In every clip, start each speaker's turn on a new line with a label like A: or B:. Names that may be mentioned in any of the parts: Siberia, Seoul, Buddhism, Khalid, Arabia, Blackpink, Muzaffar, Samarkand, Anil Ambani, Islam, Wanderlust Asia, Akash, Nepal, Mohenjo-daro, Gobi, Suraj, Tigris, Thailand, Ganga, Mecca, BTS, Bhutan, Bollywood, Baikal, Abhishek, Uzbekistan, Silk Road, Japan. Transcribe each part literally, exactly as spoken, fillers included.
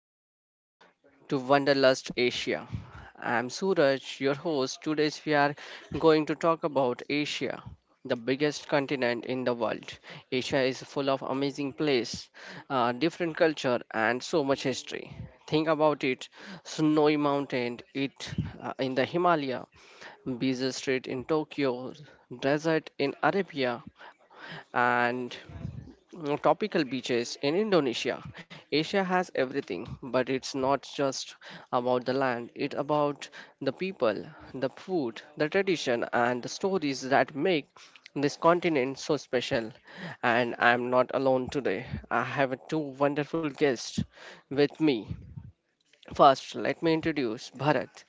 A: welcome to Wanderlust Asia. I'm Suraj, your host. Today, we are going to talk about Asia, the biggest continent in the world. Asia is full of amazing places, uh, different culture, and so much history. Think about it: snowy mountain, it uh, in the Himalaya, busy street in Tokyo, desert in Arabia, and mm, tropical beaches in Indonesia. Asia has everything, but it's not just about the land, it's about the people, the food, the tradition, and the stories that make this continent so special. And I'm not alone today. I have two wonderful guests with me. First, let me introduce Bharat.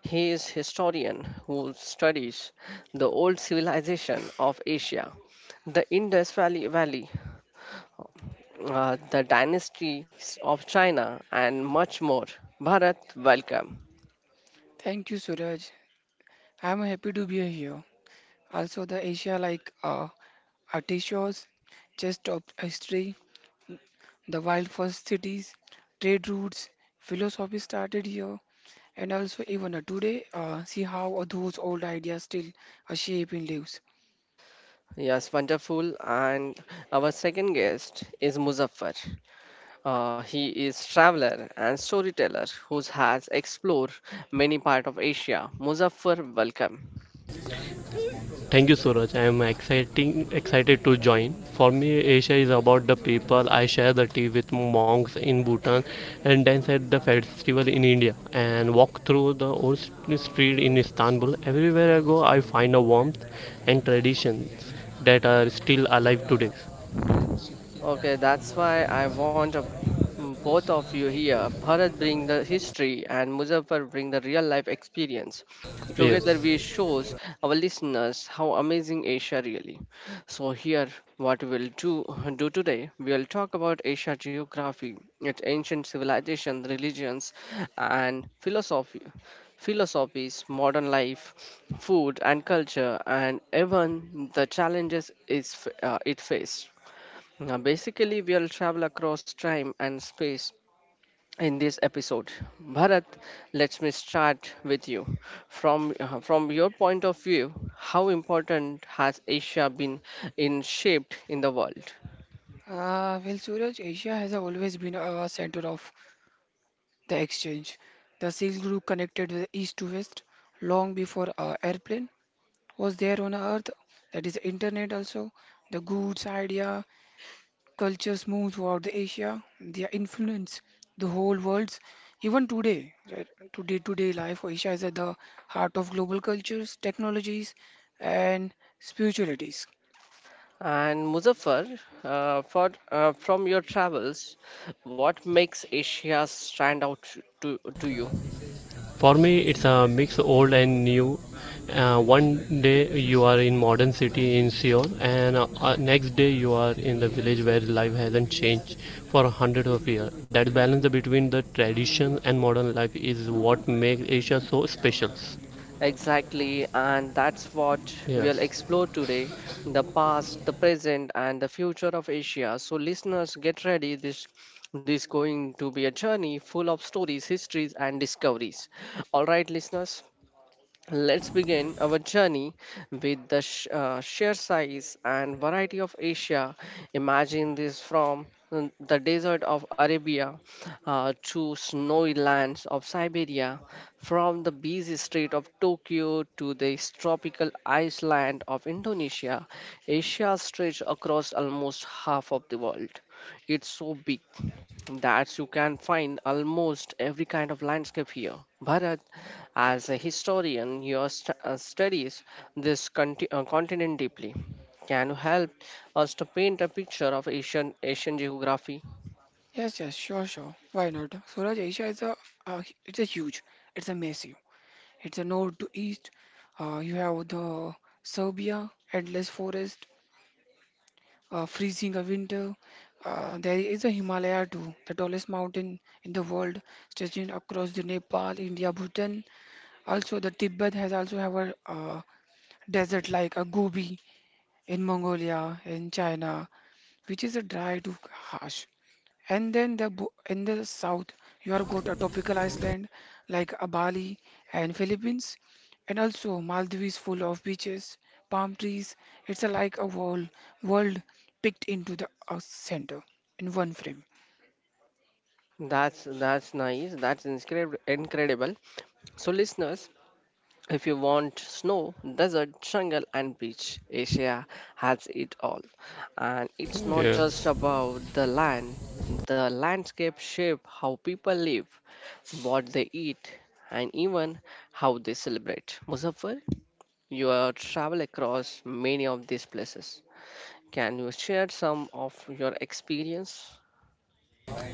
A: He is historian who studies the old civilization of Asia, the Indus Valley, Valley uh, the dynasties of China, and much more. Bharat, welcome.
B: Thank you, Suraj. I'm happy to be here. Also, the Asia like uh, Ati shows, just of history, the wild first cities, trade routes, philosophy started here, and also even uh, today, uh, see how uh, those old ideas still uh, shape in lives.
A: Yes, wonderful. And our second guest is Muzaffar. Uh, he is traveler and storyteller who has explored many part of Asia. Muzaffar, welcome.
C: Thank you, Suraj. I am exciting, excited to join. For me, Asia is about the people. I share the tea with monks in Bhutan and dance at the festival in India and walk through the old st- street in Istanbul. Everywhere I go, I find a warmth and traditions that are still alive today.
A: Okay, that's why I want a, both of you here. Bharat bring the history and Muzaffar bring the real life experience.
C: Yes.
A: Together we shows our listeners how amazing Asia really. So here what we'll do do today, we'll talk about Asia geography, its ancient civilization, religions and philosophy philosophies, modern life, food and culture and even the challenges is f- uh, it faced. Now, basically, we'll travel across time and space in this episode. Bharat, let me start with you. From, uh, from your point of view, how important has Asia been in shaped in the world?
B: Uh, well, Suraj, Asia has always been a center of the exchange. The Silk Route connected the east to west long before uh, airplane was there on earth, that is internet also, the goods idea cultures move throughout the Asia, their influence the whole world's. Even today, right, to day-to-day life, Asia is at the heart of global cultures, technologies, and spiritualities.
A: And Muzaffar, uh, for, uh, from your travels, what makes Asia stand out to, to you?
C: For me, it's a mix old and new. Uh, one day you are in modern city in Seoul, and uh, uh, next day you are in the village where life hasn't changed for hundreds of years. That balance between the tradition and modern life is what makes Asia so special.
A: Exactly, and that's what we'll
C: Yes.
A: explore today the past, the present, and the future of Asia. So, listeners, get ready. This this going to be a journey full of stories, histories, and discoveries. All right, listeners. Let's begin our journey with the sh- uh, sheer size and variety of Asia. Imagine this from mm, the desert of Arabia uh, to snowy lands of Siberia, from the busy street of Tokyo to the tropical iceland of Indonesia. Asia stretches across almost half of the world. It's so big that you can find almost every kind of landscape here. Bharat, as a historian, your st- uh, studies this conti- uh, continent deeply. Can you help us to paint a picture of Asian Asian geography?
B: Yes, yes, sure, sure, why not, Suraj? Asia is a uh, it's a huge, it's a massive, it's a north to east, uh, you have the Serbia endless forest, uh, freezing a winter. Uh, there is a Himalaya too, the tallest mountain in the world, stretching across the Nepal, India, Bhutan. Also, the Tibet has also have a uh, desert like a Gobi in Mongolia, in China, which is a dry to harsh. And then the bo- in the south, you are got a tropical island like a Bali and Philippines, and also Maldives full of beaches, palm trees. It's a, like a whole world picked into the uh, center in one frame.
A: That's that's nice. That's inscrib- incredible. So, listeners, if you want snow, desert, jungle, and beach, Asia has it all. And it's not just
C: Yes,
A: about the land, the landscape shape how people live, what they eat, and even how they celebrate. Muzaffar, you have traveled across many of these places. Can you share some of your experience?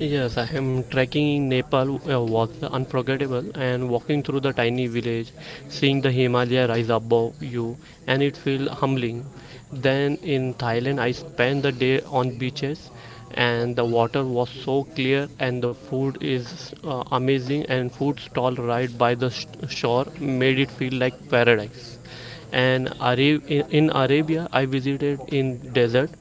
C: yes, I am trekking in Nepal uh, was unforgettable and walking through the tiny village, seeing the Himalaya rise above you, and it feel humbling. Then in Thailand, I spent the day on beaches, and the water was so clear, and the food is uh, amazing, and food stall right by the sh- shore made it feel like paradise. and Ara- in, in Arabia, I visited in desert,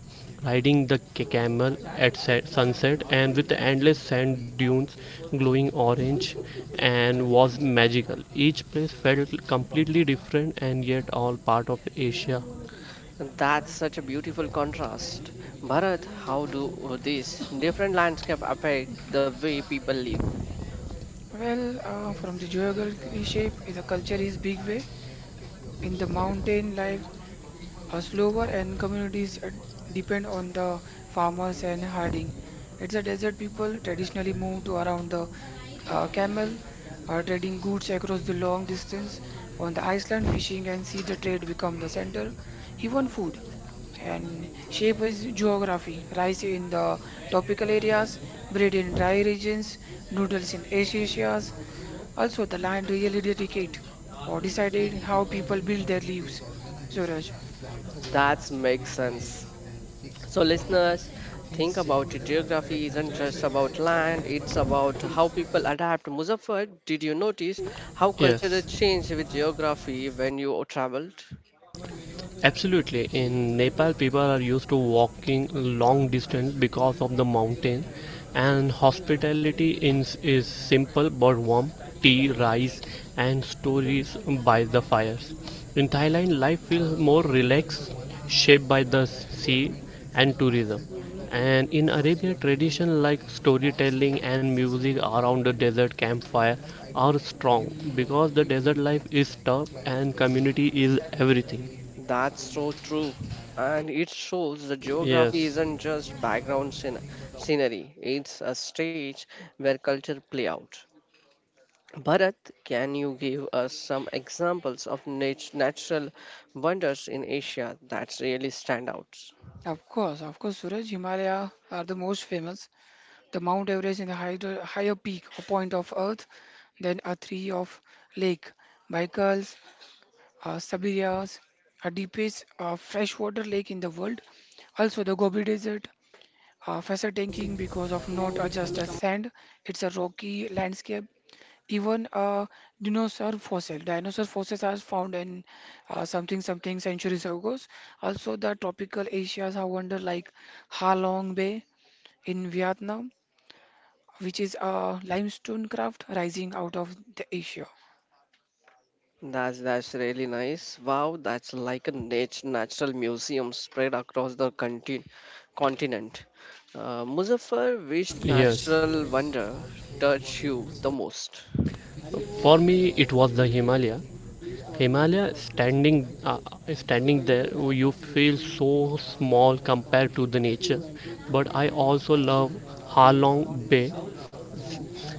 C: riding the ca- camel at set, sunset, and with endless sand dunes glowing orange. And was magical. Each place felt completely different, and yet all part of Asia.
A: That's such a beautiful contrast. Bharat, how do these different landscape affect the way people live?
B: Well, uh, from the geography shape, is a culture is big way in the mountain life Us lower and communities uh, depend on the farmers and herding. It's a desert people traditionally move to around the uh, camel, uh, trading goods across the long distance. On the Iceland, fishing and sea the trade become the center, even food. And shape is geography. Rice in the tropical areas, bread in dry regions, noodles in Asia. Also, the land really dedicate or decided how people build their lives. Suraj.
A: That makes sense. So, listeners, think about it. Geography isn't just about land, it's about how people adapt. Muzaffar, did you notice how culture
C: Yes.
A: changed with geography when you traveled?
C: Absolutely. In Nepal, people are used to walking long distance because of the mountain, and hospitality in, is simple but warm tea, rice, and stories by the fires. In Thailand, life feels more relaxed, shaped by the sea and tourism. And in Arabia, tradition like storytelling and music around the desert campfire are strong because the desert life is tough and community is everything.
A: That's so true. And it shows the geography
C: Yes,
A: isn't just background scen- scenery, it's a stage where culture play out. Bharat, can you give us some examples of nat- natural wonders in Asia that really stand out?
B: Of course, of course, Suraj, Himalaya are the most famous. The Mount Everest in the higher, higher peak or point of Earth, then a three of lake, Baikals, uh, Siberia's, a deepest uh, freshwater lake in the world. Also, the Gobi Desert, uh, fascinating because of not uh, just a sand, it's a rocky landscape even a dinosaur fossil. Dinosaur fossils are found in uh, something something centuries ago. Also, the tropical Asia's have wonder like Ha Long Bay in Vietnam, which is a limestone craft rising out of the Asia.
A: That's that's really nice. Wow, that's like a nat- natural museum spread across the conti- continent. Uh, Muzaffar, which
C: yes.
A: natural wonder touched you the most?
C: For me, it was the Himalaya. Himalaya standing, uh, standing there, you feel so small compared to the nature. But I also love Halong Bay.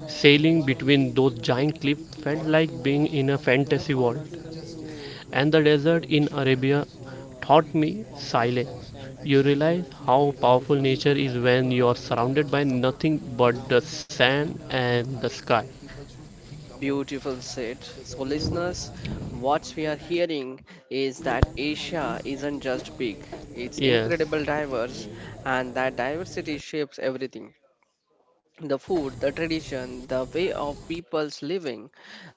C: Sailing between those giant cliffs felt like being in a fantasy world. And the desert in Arabia taught me silence. You realize how powerful nature is when you are surrounded by nothing but the sand and the sky.
A: Beautiful said. So, listeners, what we are hearing is that Asia isn't just big; it's
C: Yes.
A: incredible diverse, and that diversity shapes everything: the food, the tradition, the way of people's living.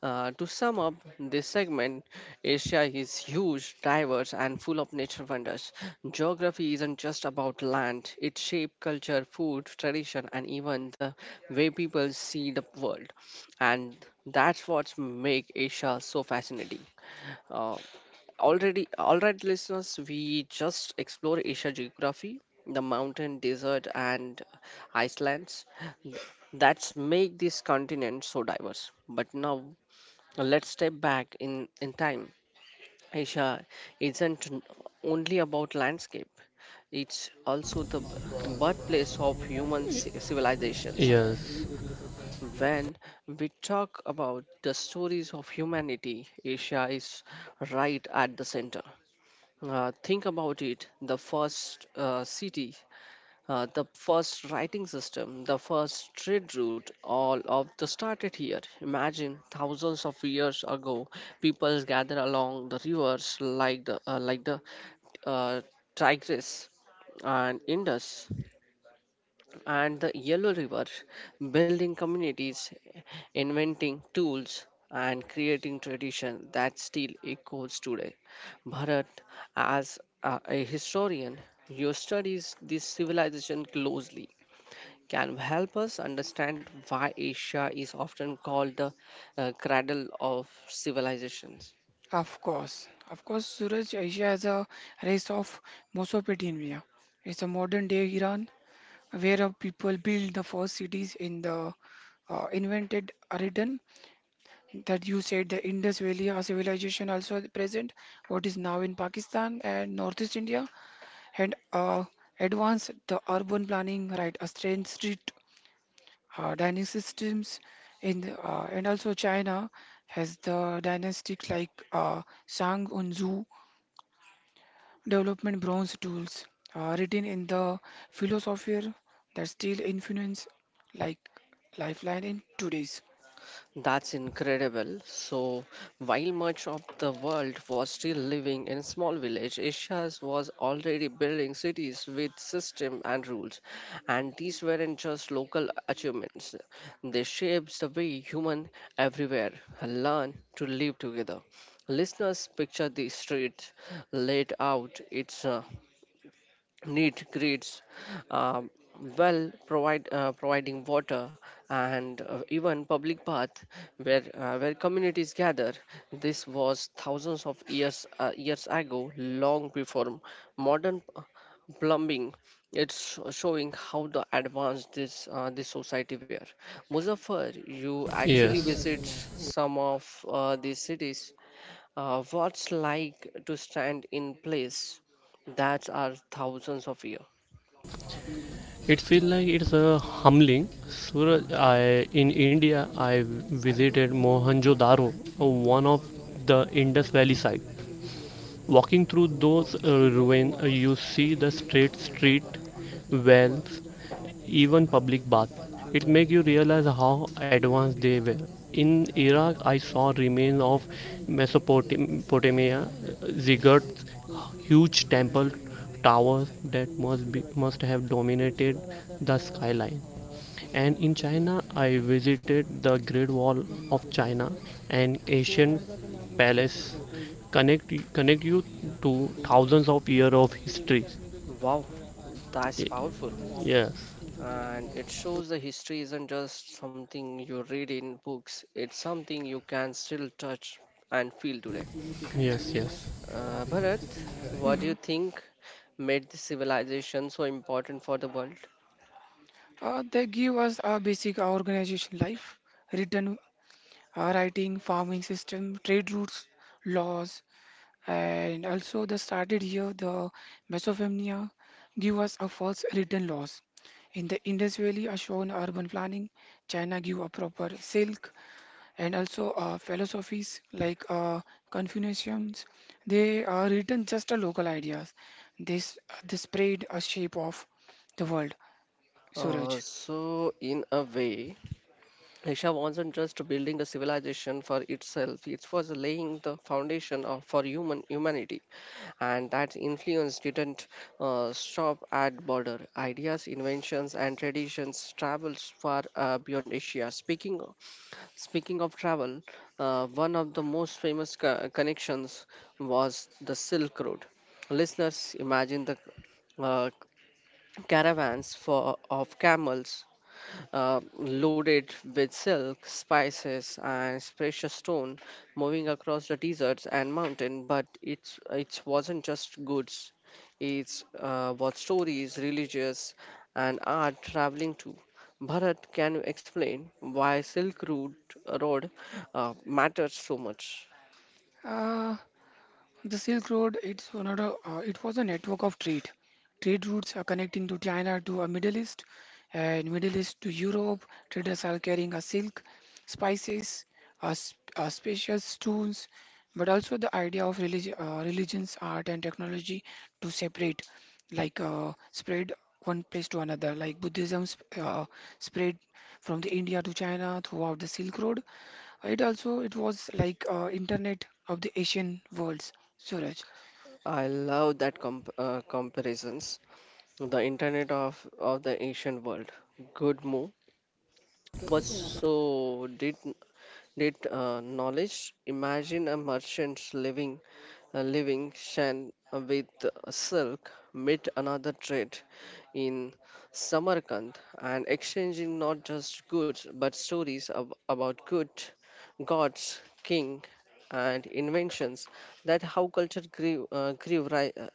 A: Uh, to sum up this segment, Asia is huge, diverse, and full of nature wonders. Geography isn't just about land, it shapes culture, food, tradition, and even the way people see the world. And that's what makes Asia so fascinating. Uh, already, all right, listeners, we just explore Asia geography, the mountain, desert, and Iceland that's make this continent so diverse. But now let's step back in in time. Asia isn't n- only about landscape, it's also the b- birthplace of human ci- civilizations.
C: Yes,
A: When we talk about the stories of humanity, Asia is right at the center. Uh, think about it: the first uh, city. Uh, the first writing system, the first trade route, all of the started here. Imagine thousands of years ago, people gathered along the rivers like the uh, like the uh, Tigris and Indus and the Yellow River, building communities, inventing tools, and creating tradition that still echoes today. Bharat, as a, a historian, you studies this civilization closely can help us understand why Asia is often called the uh, cradle of civilizations.
B: Of course, of course, Suraj Asia is a race of Mesopotamia. It's a modern day Iran where a people built the first cities in the uh, invented Aradan that you said the Indus Valley uh, civilization also present what is now in Pakistan and Northeast India and uh, advanced the urban planning right a strange street uh, dining systems in the, uh, and also China has the dynastic like uh, Shang Unzu development bronze tools uh, written in the philosopher that still influence like lifeline in today's.
A: That's incredible. So, while much of the world was still living in small village, Asia was already building cities with system and rules. And these weren't just local achievements. They shaped the way human everywhere learn to live together. Listeners, picture the street laid out. It's uh, Need grids, um, well provide uh, providing water and uh, even public path where uh, where communities gather. This was thousands of years uh, years ago, long before modern uh, plumbing. It's showing how the advanced this uh, this society were. Muzaffar, you actually
C: yes.
A: visit some of uh, these cities. Uh, what's like to stand in place that are thousands of years?
C: It feels like it's a humbling. Suraj, I in India, I visited Mohenjo-daro, uh, one of the Indus Valley side. Walking through those uh, ruins, uh, you see the straight street, wells, even public baths. It makes you realize how advanced they were. In Iraq, I saw remains of Mesopotamia ziggurats, huge temple towers that must be, must have dominated the skyline. And in China, I visited the Great Wall of China, an ancient palace connect connect you to thousands of years of history.
A: Wow, that's
C: Y-
A: powerful.
C: yes,
A: And it shows the history isn't just something you read in books, it's something you can still touch and feel today.
C: yes, yes,
A: Uh, Bharat, what do you think made this civilization so important for the world?
B: Uh, they give us a basic organization life, written uh, writing, farming system, trade routes, laws, and also they started here the Mesopotamia give us a first written laws. In the Indus Valley are shown urban planning. China give a proper silk and also uh, philosophies like uh, Confucianisms. They are written just a local ideas. This uh, they spread a shape of the world.
A: Uh,
B: Suraj.
A: so, in a way, Asia wasn't just building the civilization for itself, it was laying the foundation of, for human humanity, and that influence didn't uh, stop at border. Ideas, inventions, and traditions traveled far uh, beyond Asia. Speaking of, speaking of travel, uh, one of the most famous co- connections was the Silk Road. Listeners, imagine the uh, caravans for, of camels uh, loaded with silk, spices, and precious stone, moving across the deserts and mountain. But it's it wasn't just goods; it uh, was stories, religious, and art traveling too. Bharat, can you explain why Silk Route uh, Road uh, matters so much?
B: Uh, The Silk Road, it's one of the, uh, it was a network of trade. Trade routes are connecting to China to a Middle East and Middle East to Europe. Traders are carrying a silk, spices, uh, sp- uh, special stones, but also the idea of religion, uh, religions, art, and technology to separate, like uh, spread one place to another. Like Buddhism sp- uh, spread from the India to China throughout the Silk Road. It also it was like uh, internet of the Asian worlds Suraj,
A: I love that comp- uh, comparisons. The internet of, of the ancient world. Good move. But so did did uh, knowledge. Imagine a merchant living, uh, living Shan uh, with uh, silk meet another trade in Samarkand and exchanging not just goods but stories ab- about good gods, king, and inventions. That how culture grew, uh, grew ri- uh,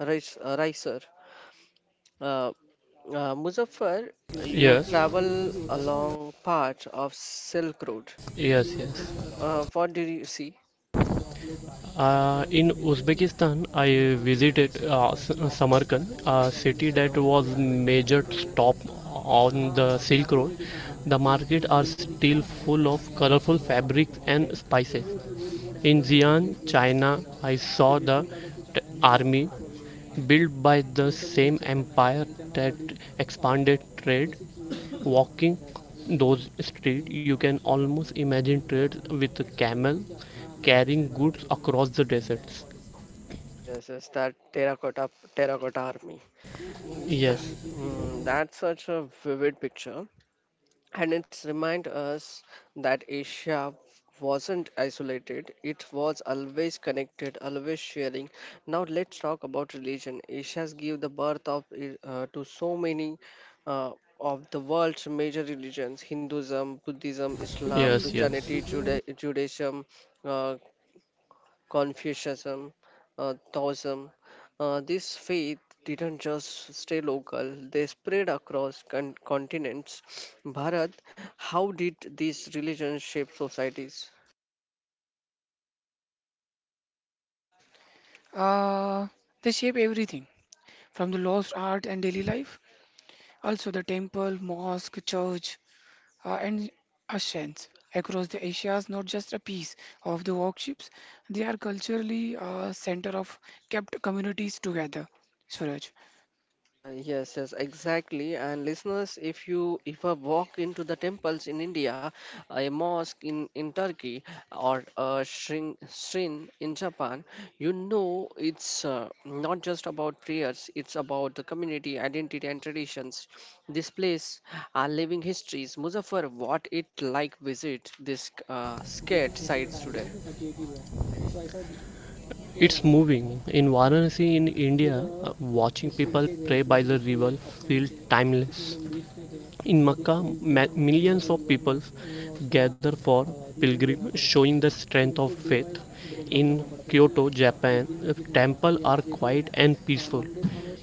A: rise, uh, riser. Uh, uh, Muzaffar, you
C: yes,
A: travel along part of Silk Road.
C: yes, yes.
A: Uh, what did you see?
C: Uh, in Uzbekistan, I visited uh, S- uh, Samarkand, a city that was major stop on the Silk Road. The market are still full of colorful fabrics and spices. In Xi'an, China, I saw the army built by the same empire that expanded trade. Walking those streets, you can almost imagine trade with a camel carrying goods across the deserts.
A: Yes, yes, that terracotta terracotta army.
C: Yes,
A: Mm, that's such a vivid picture, and it's remind us that Asia wasn't isolated. It was always connected, always sharing. Now let's talk about religion. Asia's give the birth of i- uh, to so many uh, of the world's major religions: Hinduism, Buddhism, Islam,
C: yes, yes.
A: Christianity, Juda- Judaism, uh, Confucianism, uh, Taoism. Uh, this faith didn't just stay local, they spread across con- continents. Bharat, how did these religions shape societies?
B: uh, they shape everything from the lost art and daily life, also the temple, mosque, church, uh, and ashrams across the Asia is not just a piece of the workshops, they are culturally a center of kept communities together. Suraj,
A: Uh, yes, yes, exactly. And listeners, if you if I walk into the temples in India, a mosque in in Turkey, or a shrine shrine in Japan, you know it's uh, not just about prayers. It's about the community identity and traditions. This place are living histories. Muzaffar, what it like visit this uh, scared sites today?
C: It's moving. In Varanasi, in India, uh, watching people pray by the river feels timeless. In Mecca, ma- millions of people gather for pilgrim, showing the strength of faith. In Kyoto, Japan, uh, temples are quiet and peaceful,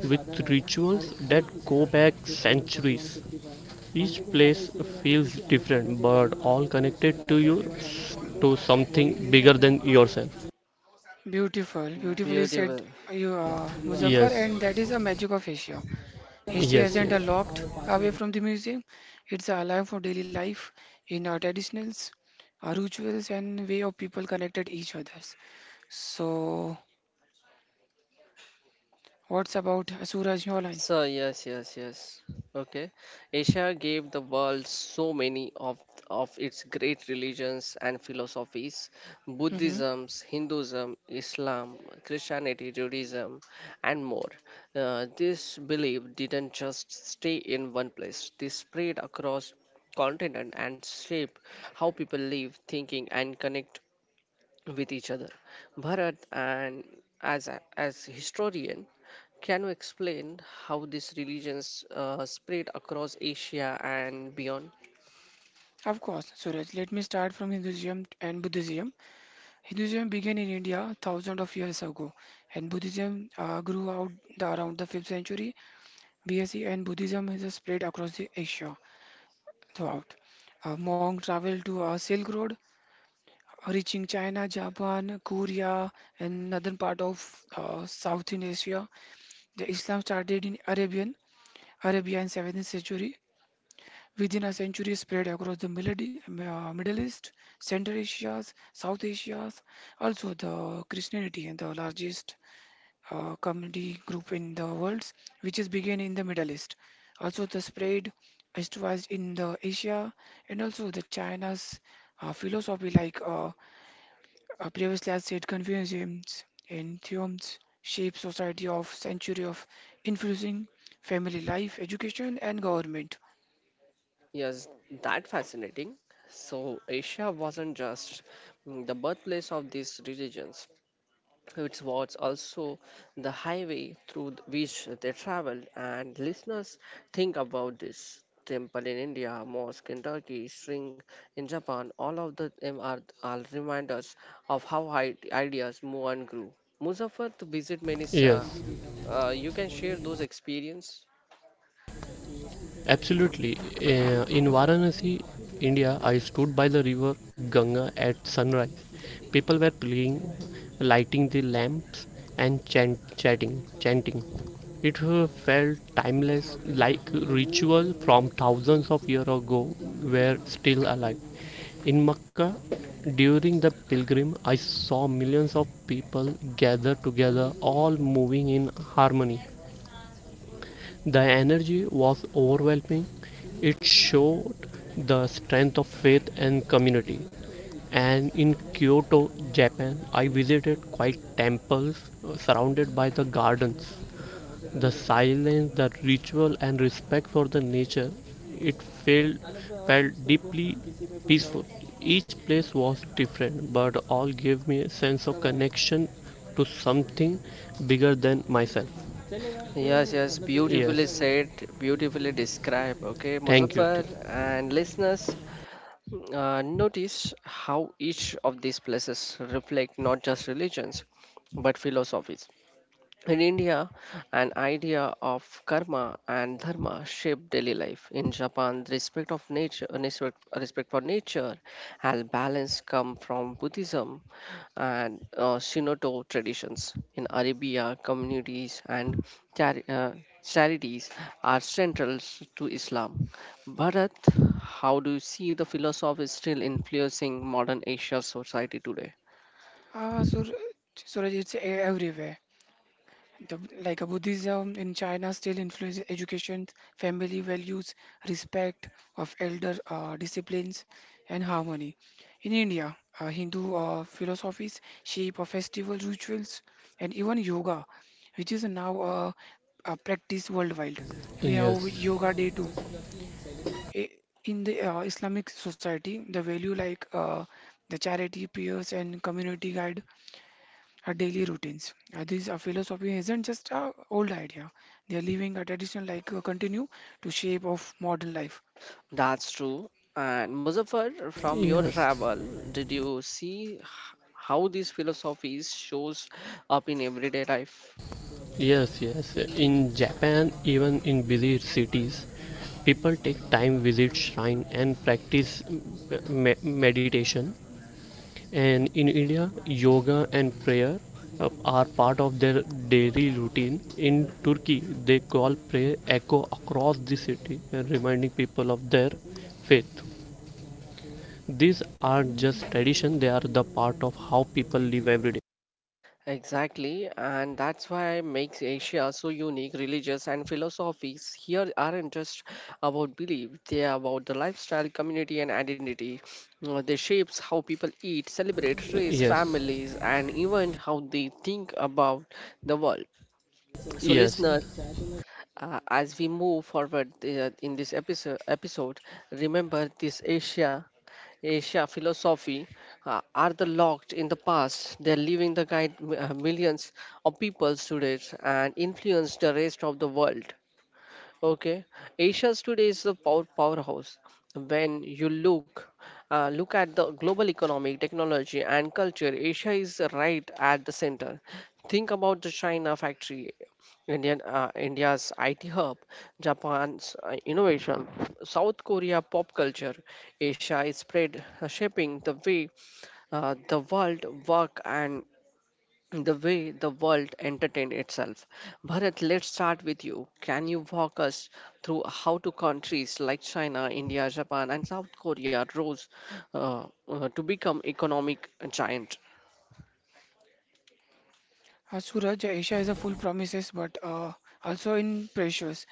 C: with rituals that go back centuries. Each place feels different, but all connected to you, to something bigger than yourself.
A: Eh,
B: beautiful, beautifully said
A: beautiful.
B: you, uh, Muzaffar,
C: Yes,
B: and that is a magic of Asia. History
C: yes,
B: isn't a
C: yes.
B: locked away from the museum, it's alive for daily life in our traditions, our rituals, and way of people connected each others. So, what's about Suraj Nolan?
A: So yes, yes, yes. Okay, Asia gave the world so many of of its great religions and philosophies:
B: Hmm.
A: Buddhism, Hinduism, Islam, Christianity, Judaism, and more. Uh, this belief didn't just stay in one place; they spread across continent and shape how people live, thinking, and connect with each other. Bharat, and as a, as historian, can you explain how these religions uh, spread across Asia and beyond?
B: Of course, Suraj. Let me start from Hinduism and Buddhism. Hinduism began in India thousands of years ago, and Buddhism uh, grew out the, around the fifth century B C and Buddhism has spread across the Asia throughout. A monk traveled to a Silk Road reaching China, Japan, Korea, and northern part of uh, Southern Asia. The Islam started in Arabian Arabia in seventh century. Within a century, spread across the Middle, E, uh, Middle East, Central Asia, South Asia. Also, the Christianity and the largest uh, community group in the world, which is began in the Middle East. Also, the spread eastwards in the Asia, and also the China's uh, philosophy like. Uh, uh, previously, I said Confucianism and Theoms shape society of century of influencing family life, education, and government.
A: Yes, that fascinating. So Asia wasn't just mm, the birthplace of these religions. It was also the highway through th- which they traveled. And listeners, think about this. Temple in India, mosque in Turkey, shrine in Japan, all of the them are, are reminders of how i- ideas move and grew. Muzaffar to visit many s- uh,
C: Yes,
A: Uh, you can share those experience.
C: absolutely. Uh, in Varanasi, India, I stood by the river Ganga at sunrise. People were playing, lighting the lamps, and chant, chatting, chanting. It uh, felt timeless, like ritual from thousands of years ago were still alive. In Mecca, during the pilgrim, I saw millions of people gathered together, all moving in harmony.
A: Mm,
C: The energy was overwhelming, it showed the strength of faith and community. And in Kyoto, Japan, I visited quiet temples uh, surrounded by the gardens. The silence, the ritual, and respect for the nature, it felt, felt deeply peaceful. Each place was different, but all gave me a sense of connection to something bigger than myself.
A: yes, yes, beautifully
C: Yes,
A: said, beautifully described. Okay,
C: thank you.
A: Muzaffar and listeners, uh, notice how each of these places reflect not just religions but philosophies. In India, an idea of karma and dharma shape daily life. In Japan, the respect of nature, respect, respect for nature, and balance come from Buddhism and uh, Shinoto traditions. In Arabia, communities and chari- uh, charities are central to Islam. Bharat, how do you see the philosophy still influencing modern Asia society today?
B: Uh, so, Suraj, it's everywhere. The, like a Buddhism in China still influences education, family values, respect of elder uh, disciplines, and harmony. In India, uh, Hindu uh, philosophies shape of festival rituals and even yoga, which is now uh, uh, practiced worldwide. We have
C: Yes,
B: Yoga Day too. I- In the uh, Islamic society, the value like uh, the charity, peers, and community guide our daily routines. Uh, this uh, philosophy isn't just an old idea. They are living a tradition like uh, continue to shape of modern life.
A: That's true. And Muzaffar, from your
C: yes,
A: travel, did you see h- how these philosophies shows up in everyday life?
C: yes, yes. In Japan, even in busy cities, people take time visit shrine and practice me- meditation. And in India, yoga and prayer uh, are part of their daily routine. In Turkey, they call prayer echo across the city, uh, reminding people of their faith. These are just tradition; they are the part of how people live every day.
A: Exactly, and that's why makes Asia so unique. Religious and philosophies here aren't just about belief; they are about the lifestyle, community, and identity. Uh, They shapes how people eat, celebrate, raise
C: Yes,
A: families, and even how they think about the world. So,
C: yes,
A: listeners,
C: yes.
A: Uh, as we move forward uh, in this episode, episode, remember this Asia, Asia philosophy uh, are the locked in the past. They're leaving the guide uh, millions of people today and influence the rest of the world. Okay, Asia's today is a power powerhouse. When you look uh, look at the global economic, technology, and culture, Asia is right at the center. Think about the China factory, Indian uh, India's I T hub, Japan's uh, innovation, South Korea pop culture. Asia is spread, uh, shaping the way uh, the world work and the way the world entertained itself. Bharat, let's start with you. Can you walk us through how two countries like China, India, Japan, and South Korea rose uh, uh, to become economic giant?
B: Uh, Suraj, Asia is a full promises, but uh, also in pressures.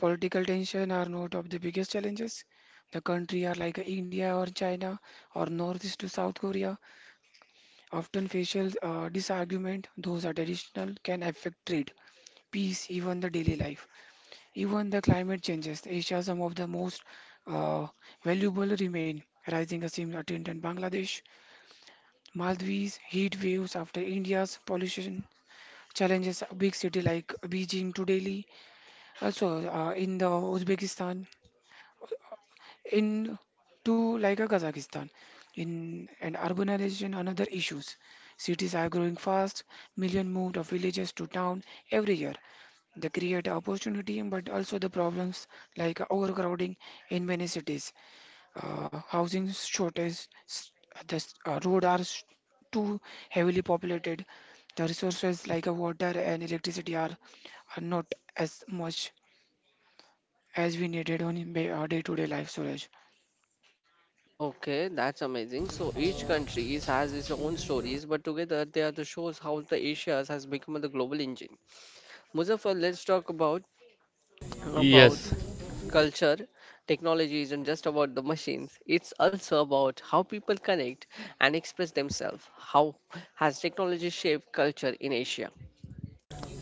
B: Political tension are not of the biggest challenges. The country are like India or China or northeast to South Korea. Often facial uh, disargument, those are traditional, can affect trade, peace, even the daily life. Even the climate changes. Asia, some of the most uh, valuable remain. Rising Asim attempt in Bangladesh, Maldives, heat waves after India's pollution challenges a big city like Beijing to Delhi. Also uh, in the Uzbekistan, in to like a Kazakhstan in and urbanization another issues. Cities are growing fast, million moved of villages to town every year. They create opportunity but also the problems like overcrowding in many cities, uh, housing shortage, s- the s- uh, road are s- too heavily populated. The resources like uh, water and electricity are, are not as much as we needed on day to day life, Suraj.
A: Okay, that's amazing. So each country is- has its own stories, but together they are the shows how the Asia has become the global engine. Muzaffar, let's talk about about
C: Yes.
A: culture, technology isn't just about the machines, it's also about how people connect and express themselves. How has technology shaped culture in Asia?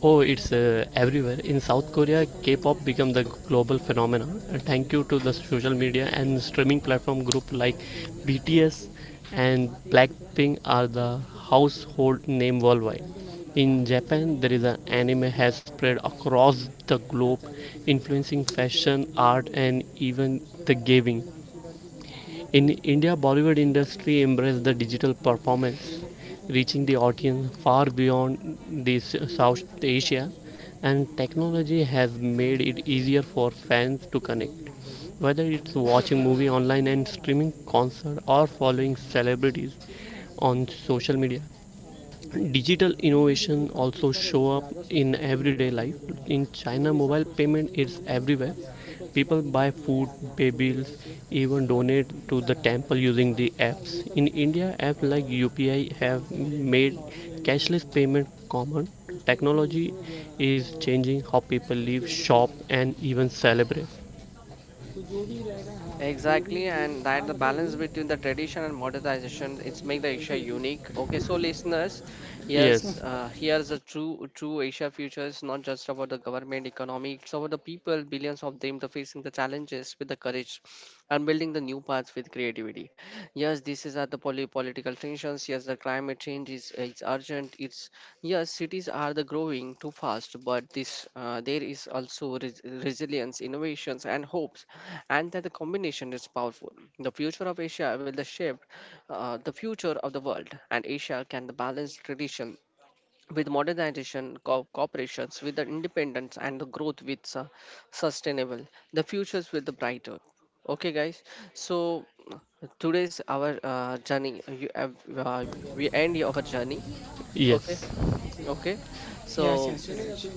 C: Oh, it's uh, everywhere. In South Korea, K-pop became the global phenomenon. uh, Thank you to the social media and streaming platform group like B T S and Blackpink are the household name worldwide. In Japan, there is an anime has spread across the globe, influencing fashion, art, and even the gaming. In India, Bollywood industry embraced the digital performance, reaching the audience far beyond the s- South Asia, and technology has made it easier for fans to connect. Whether it's watching movie online and streaming concert or following celebrities on social media, digital innovation also show up in everyday life. In China, mobile payment is everywhere. People buy food, pay bills, even donate to the temple using the apps. In India, apps like U P I have made cashless payment common. Technology is changing how people live, shop, and even celebrate.
A: Exactly, and that the balance between the tradition and modernization, it's make the Asia unique. Okay, so listeners, yes,
C: Yes,
A: uh, here's a true true Asia future. It's not just about the government, economy. It's about the people, billions of them, the facing the challenges with the courage, and building the new paths with creativity. Yes, this is at the poly- political tensions. Yes, the climate change is is urgent. It's yes, cities are the growing too fast, but this uh, there is also res- resilience, innovations, and hopes, and that the combination is powerful. The future of Asia will the shape uh, the future of the world, and Asia can the balance tradition with modernization, co- cooperations with the independence, and the growth with su- sustainable. The futures will the brighter. Okay, guys. So today's our uh, journey. You, uh, uh, we end our journey. Okay.
C: yes.
A: Okay,
B: Yes,
A: so
B: yes, Suraj.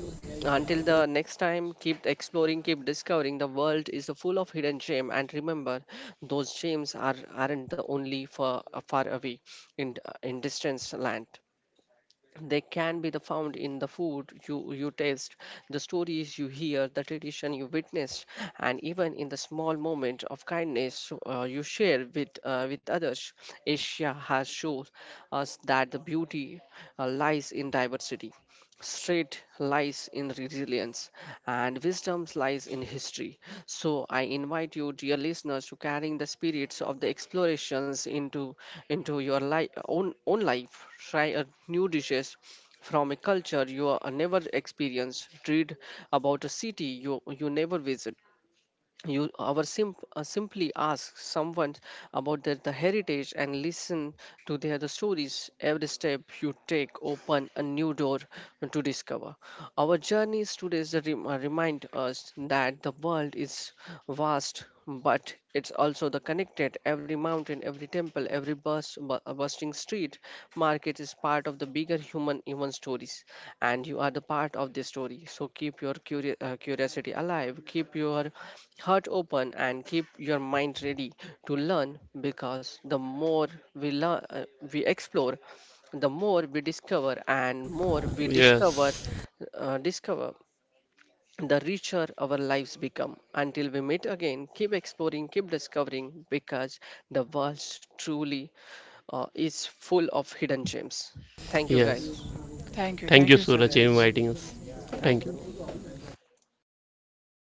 A: until the next time, keep exploring, keep discovering. The world is full of hidden gem, and remember, those gems are aren't the only far far away in in distance land, they can be the found in the food you you taste, the stories you hear, the tradition you witnessed, and even in the small moment of kindness uh, you share with uh, with others. Asia has shown us that the beauty uh, lies in diversity, strength lies in resilience, and wisdom lies in history. So I invite you, dear listeners, to carrying the spirits of the explorations into into your life, own own life. Try a new dishes from a culture you are never experienced. Read about a city you you never visit, you our simp, uh, simply ask someone about their the heritage and listen to their the stories. Every step you take open a new door to discover. Our journeys today is a rem- uh, remind us that the world is vast but it's also the connected. Every mountain, every temple, every bus bu- uh, bustling street market is part of the bigger human human stories, and you are the part of this story. So keep your curio- uh, curiosity alive, keep your heart open, and keep your mind ready to learn, because the more we learn, we explore, the more we discover, and more we discover,
C: Yes,
A: uh, discover, the richer our lives become. Until we meet again, keep exploring, keep discovering, because the world truly uh, is full of hidden gems. Thank you,
C: yes.
A: guys.
B: Thank you.
C: Thank
B: Thank
C: you,
B: you,
C: Suraj, for
B: Suraj.
C: inviting us. Thank
A: Thank
C: you.
A: you.